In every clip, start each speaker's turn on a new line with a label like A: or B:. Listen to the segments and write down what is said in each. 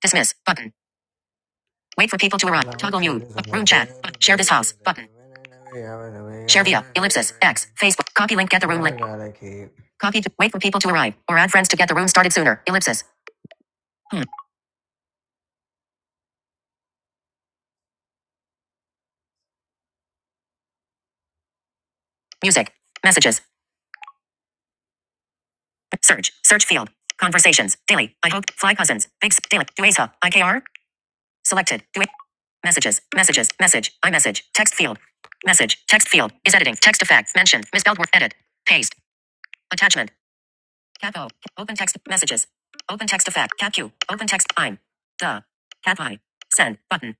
A: Dismiss button. Wait for people to arrive. Toggle mute. Room chat. Share this house button. Share via ellipsis x Facebook. Copy link. Get the room link. Copy. To, wait for people to arrive or add friends to get the room started sooner. Ellipsis. Hmm. Music. Messages. Search. Search field. Conversations. Daily. I hope. Fly cousins. Big. Daily. Duesa. IKR. Selected. Due. Messages. Messages. Message. iMessage. Text field. Message. Text field is editing. Text effect. Mention. Misspelled word. Edit. Paste. Attachment. Cat O. Open text messages. Open text effect. Cat Q. Open text I'm. Duh. Cat Y. Send button.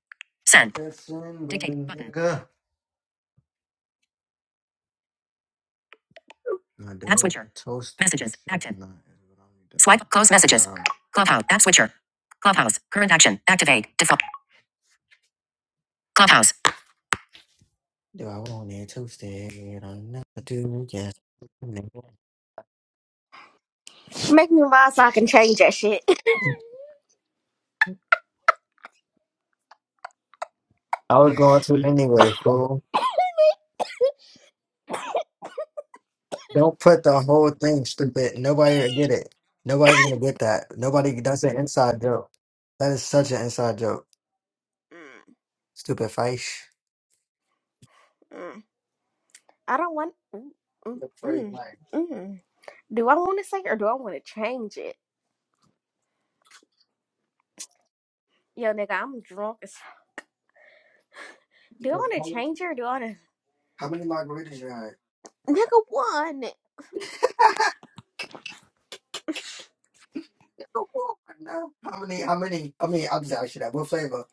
A: Send. Dictate button. Nah, App switcher. Messages. shit Active. Swipe. Close messages. Nah. Clubhouse. App switcher. Clubhouse. Current action. Activate. Default. Clubhouse. I Yes.
B: Make me mine so I can change that shit.
A: I was going to anyway, fool. Don't put the whole thing stupid. Nobody will get it. Nobody's gonna get that. Nobody. That's an inside joke. That is such an inside joke. Stupid fish.
B: mm. I don't want. Mm, mm,
A: The free
B: mm,
A: line.
B: mm. Do I want to say or do I want to change it? Yo, nigga, I'm drunk. as- Do I want to change it or do I want
A: How many margaritas you had?
B: to? Nigga, one.
A: no. How many? How many? I mean, I'm just asking that. What flavor?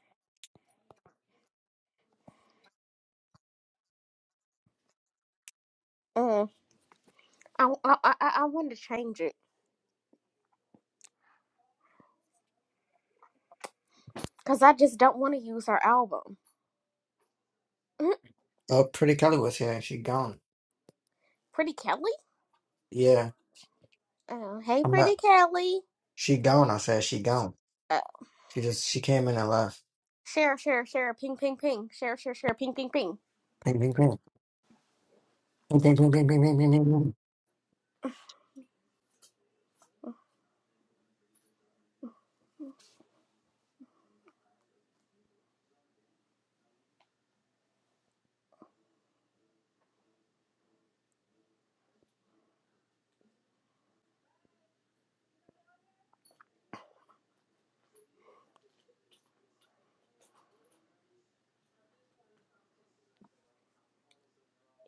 B: Mm. I I I, I want to change it because I just don't want to use her album. Mm,
A: Oh, Pretty Kelly was here and she gone.
B: Pretty Kelly.
A: Yeah,
B: Oh, hey,
A: I'm not.
B: Pretty Kelly.
A: She gone. I said she gone.
B: Uh,
A: She just she came in and left.
B: share, share, share. Ping, ping, ping. Share, share, share. Ping, ping, ping.
A: Ping ping ping ping ping ping ping ping ping ping. ping.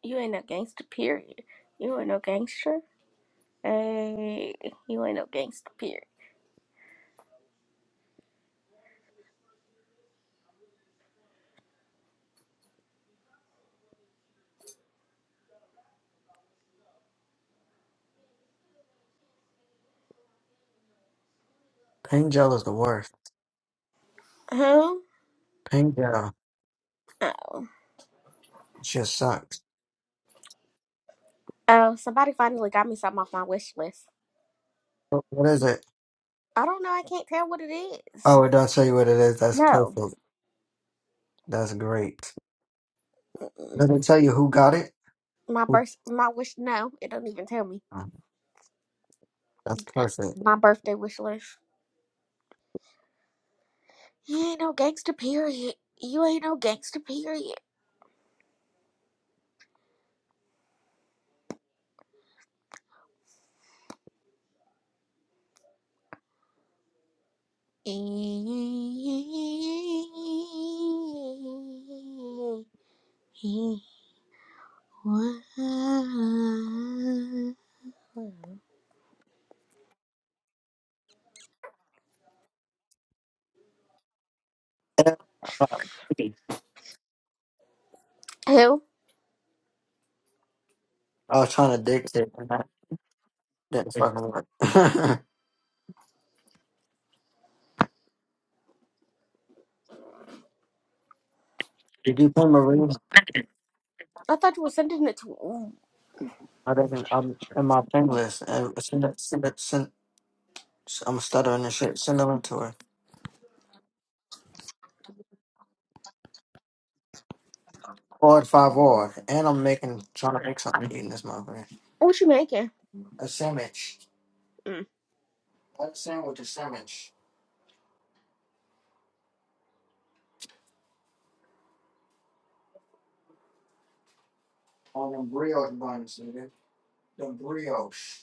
B: You ain't no gangster. Period. You ain't no gangster. Hey, you ain't no gangster, period.
A: Pang gel is the worst.
B: Huh?
A: Pink gel
B: Oh.
A: just sucks.
B: Oh, somebody finally got me something off my wish list.
A: What what is it?
B: I don't know. I can't tell what it is.
A: Oh, it does show you what it is. That's
B: No.
A: perfect. That's great.
B: Mm-mm.
A: Let me tell you who got it?
B: My birth, my wish, no. It don't even tell me.
A: That's perfect.
B: My birthday wish list. You ain't no gangster, period. You ain't no gangster, period. Who?
A: I was trying to dictate and that Didn't fucking work. Did you pin Marie?
B: I thought you were sending it to.
A: I didn't. I'm in my pin list. And send it, send it, send, I'm stuttering and shit. Send them to her. Odd five odd. And I'm making trying to make something eating this motherfucker.
B: What you making?
A: A sandwich.
B: Mm.
A: That sandwich, a sandwich. On them brioche buns, nigga. The brioche.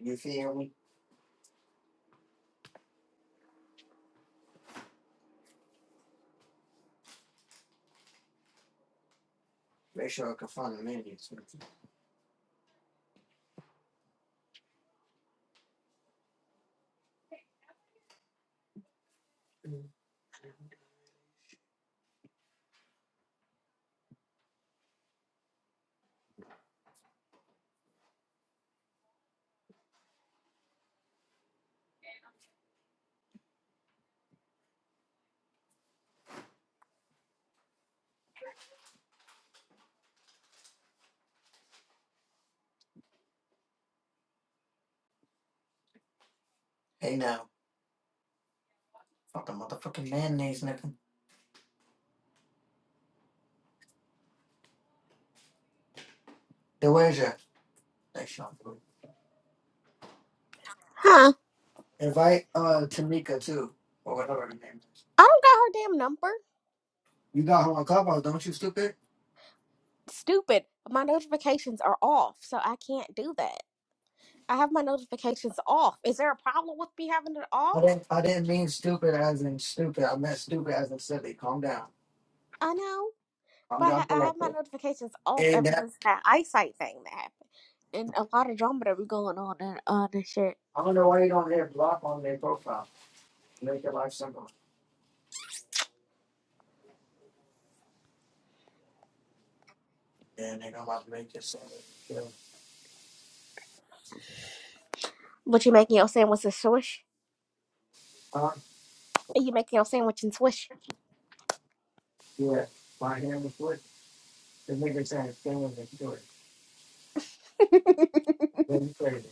A: You feel me? Make sure I can find the mayonnaise. Hey now, fuck the motherfucking mayonnaise, nigga. DeWasia. Thanks, Sean.
B: Huh?
A: Invite uh Tamika too, or whatever her name is.
B: I don't got her damn number.
A: You got her on Clubhouse, don't you, stupid?
B: Stupid. My notifications are off, so I can't do that. I have my notifications off. Is there a problem with me having it off?
A: I didn't. I didn't mean stupid as in stupid. I meant stupid as in silly. Calm down.
B: I know,
A: Calm
B: but I, ha-
A: down,
B: I have my
A: collective.
B: notifications off
A: And
B: ever
A: that
B: since that eyesight thing that happened. And a lot of drama that be going on and uh, this shit.
A: I don't know why you don't hit block on their profile. Make your life simple. Yeah, nigga, I'm about to make this simple. Yeah.
B: What you making your sandwich and swish?
A: Huh?
B: Are you making your sandwich and swish?
A: Yeah. My hand was foot. The nigga saying, "Stand with me, do it."
B: Can
A: Then you crazy.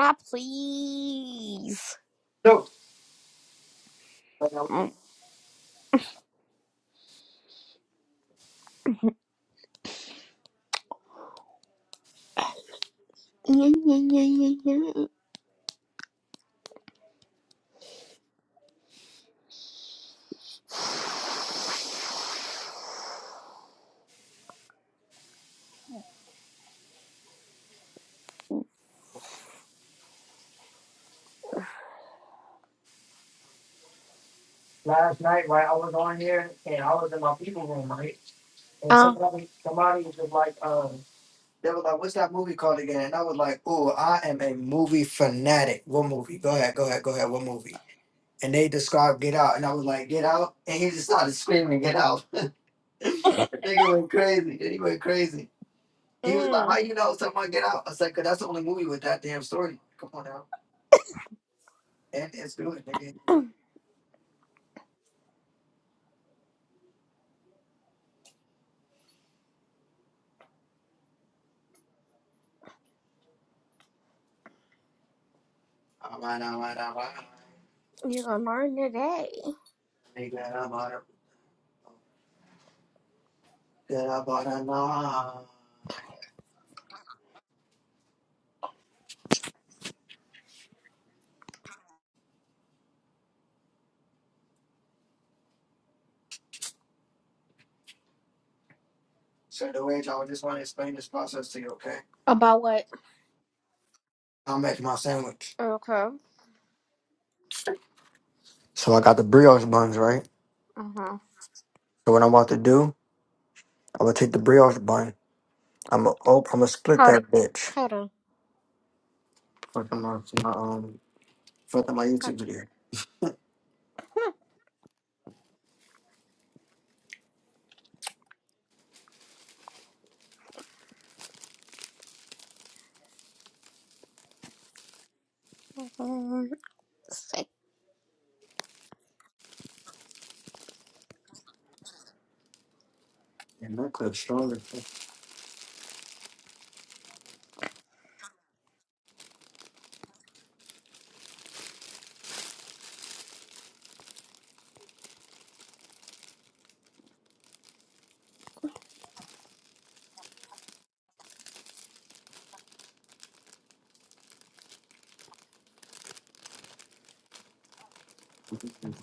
B: I please?
A: No.
B: Mm. Yeah, yeah, yeah, yeah, yeah.
A: last night while I was on here and I was in my people room, right? And
B: Uh,
A: somebody somebody was like, um, they were like, What's that movie called again? And I was like, Oh, I am a movie fanatic. What movie? Go ahead, go ahead, go ahead, what movie? And they described Get Out and I was like, Get Out and he just started screaming, Get Out. the nigga went crazy. He went crazy. He was
B: mm.
A: like, How you know someone get out? I said, Cause that's the only movie with that damn story. Come on now. And it's good, nigga. It's good. All right, all right, all right.
B: You're gonna learn today
A: Nigga, I'm out of- Good about a nine. So, the way I just want to explain this process to you, okay?
B: about what?
A: I'm making my sandwich.
B: Okay.
A: So, I got the brioche buns, right?
B: Uh huh.
A: So, what I'm about to do, I'm gonna take the brioche bun. I'm gonna, oh, I'm to split
B: Hold on.
A: that bitch.
B: Hold on.
A: Fuck them up to my, um, fuck up my YouTube video.
B: Hold on.
A: And that clip's stronger.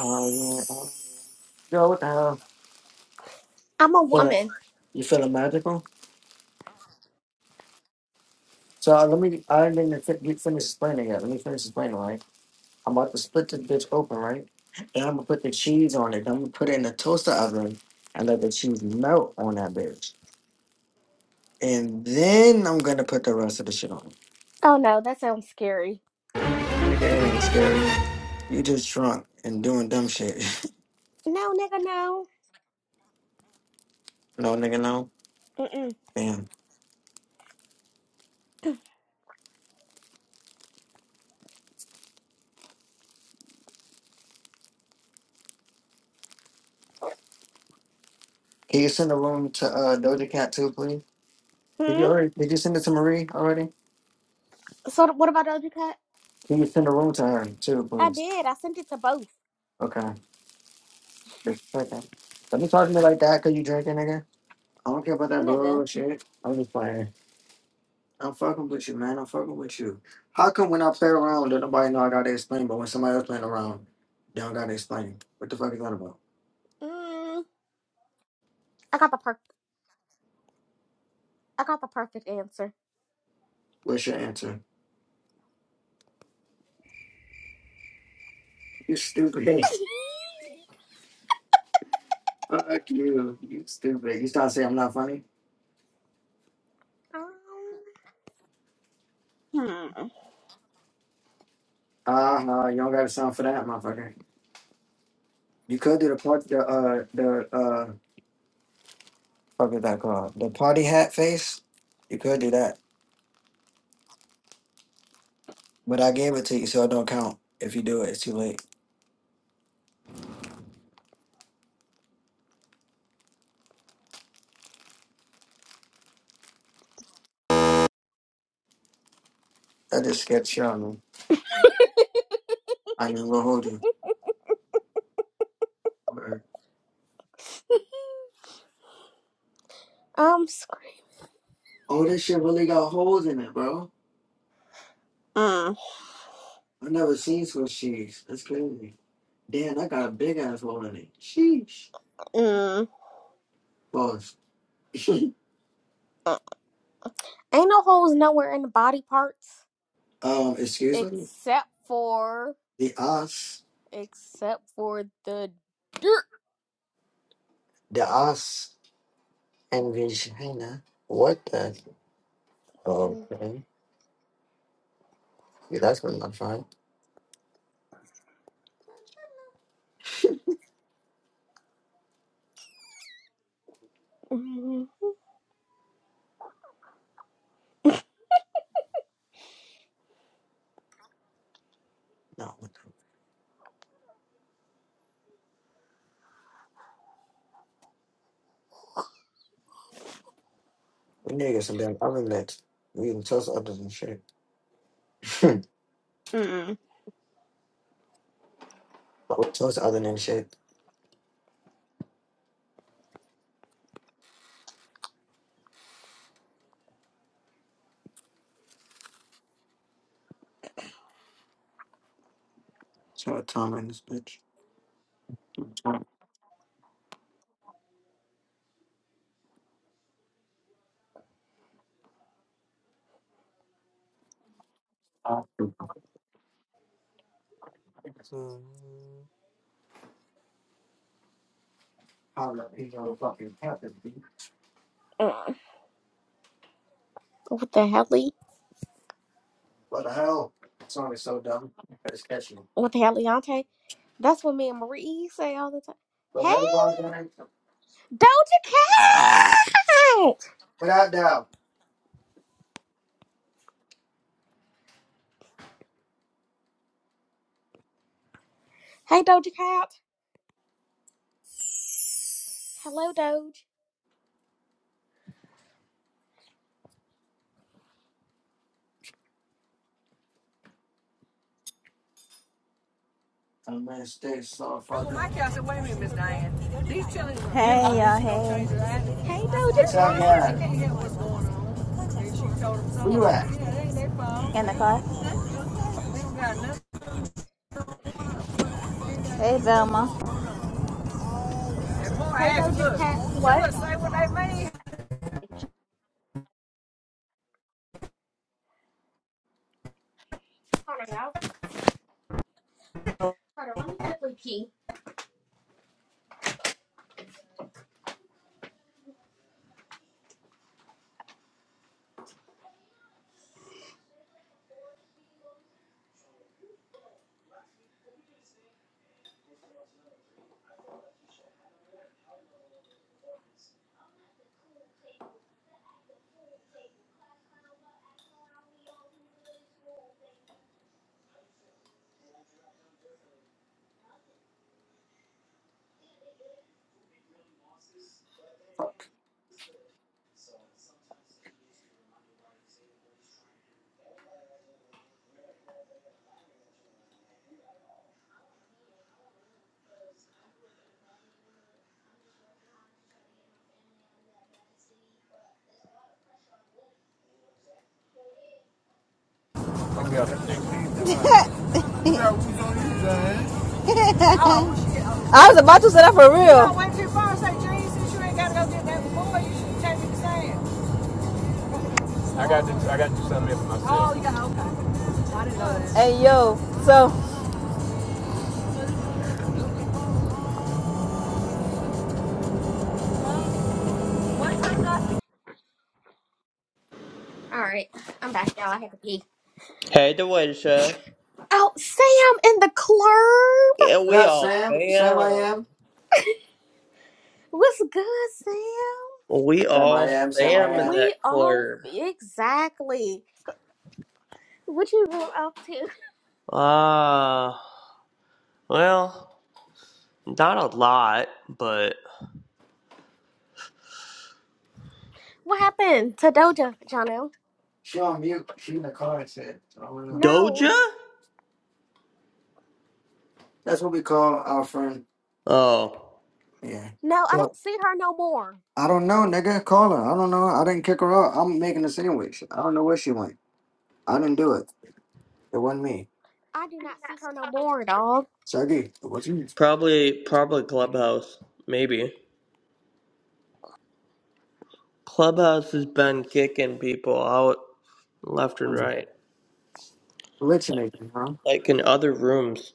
A: Oh, yeah. oh, yeah. Yo, what the hell?
B: I'm a
A: What?
B: woman.
A: You feeling magical? So, uh, let me, I didn't even fin- get- finish explaining yet. Let me finish explaining, right? I'm about to split this bitch open, right? And I'm gonna put the cheese on it. I'm gonna put it in the toaster oven and let the cheese melt on that bitch. And then I'm gonna put the rest of the shit on.
B: Oh no, that sounds scary.
A: Nigga, it ain't scary. You just drunk and doing dumb shit.
B: No, nigga, no.
A: no, nigga, no.
B: Mm-mm.
A: Damn. Can you send a room to uh, Doja Cat too, please? Did you
B: Hmm.
A: already? Did you send it to Marie already?
B: So what about Doja Cat?
A: Can you send a room to her too,
B: I
A: please?
B: did. I sent it to both.
A: Okay. Just a second. Don't be talking to me like that because you drinking, nigga. I don't care about that
B: Nigga.
A: bullshit. I'm just playing. I'm fucking with you, man. I'm fucking with you. How come when I play around, don't nobody know I gotta explain, but when somebody else playing around, they don't gotta explain? What the fuck is that about?
B: Mm. I got the per. I got the perfect answer.
A: What's your answer? You stupid. Fuck you. You stupid. You start saying I'm not funny?
B: um. Hmm.
A: Uh huh. You don't gotta sound for that, motherfucker. You could do the part, the, uh, the, uh, fuck is that called? The party hat face? You could do that. But I gave it to you, so it don't count. If you do it, it's too late. That just sketchy on me. I mean, we'll hold you.
B: Um. sc-
A: Oh, this shit really got holes in it, bro.
B: Mm.
A: I never seen Swiss cheese. That's crazy. Damn, I got a big ass hole in it. Sheesh.
B: Mm.
A: Pause.
B: Ain't no holes nowhere in the body parts
A: um, excuse me?
B: except for
A: The ass,
B: except for the dirt.
A: the ass, and vagina. What the? Okay. Yeah, that's gonna not fine.
B: Mm-hmm.
A: No, what the? We need to get some damn oven We can toast other than shit. but
B: Mm-mm.
A: we toast other than shit. Short time in this bitch. Uh,
B: Mm.
A: How the fucking happened,
B: Uh, What the heli?
A: What the hell? That song is so dumb, but it's catchy.
B: What the heliante? That's what me and Marie say all the time.
A: But
B: Hey,
A: everybody,
B: Doja Cat!
A: without doubt,
B: Hey, Doja Cat. Hello, Doge.
A: I'm gonna stay so fucking.
C: y'all,
B: Hey, Doja
A: What's
B: Cat.
A: up, guy? Where you at?
C: In the car. Hey, Velma.
B: Hey, Doja Cat. What? Hold on, y'all. Hold on, let me quickly pee.
A: Fuck.
C: I was about to set up for real. I got to, I got to do something for myself. Hey, yo. So,
B: All right, I'm back, y'all. I had to pee.
D: Hey, Deweja.
B: Oh, Sam in the club.
D: Yeah,
A: What
D: we
A: up,
D: all
A: Sam? Sam, I
D: fam.
A: am.
B: What's good, Sam?
D: We
A: Sam, I
D: all
A: am. Sam, I
D: fam in
A: am.
B: We
D: that
B: all
D: club.
B: exactly. What you been up to?
D: Ah, well, not a lot, but
B: What happened to Doja, Jono?
A: She on mute. She in the car. I said. So I don't know.
B: No,
D: Doja?
A: That's what we call our friend.
D: Oh,
A: Yeah.
B: no, I
A: But
B: don't see her no more.
A: I don't know, nigga. Call her. I don't know. I didn't kick her out. I'm making a sandwich. I don't know where she went. I didn't do it. It wasn't me.
B: I do not see her no more, dog.
A: Sergey, it wasn't
D: probably, probably
A: you.
D: Clubhouse. Maybe Clubhouse has been kicking people out left and
A: I'm
D: right, like,
A: hallucinating, huh?
D: like in other rooms.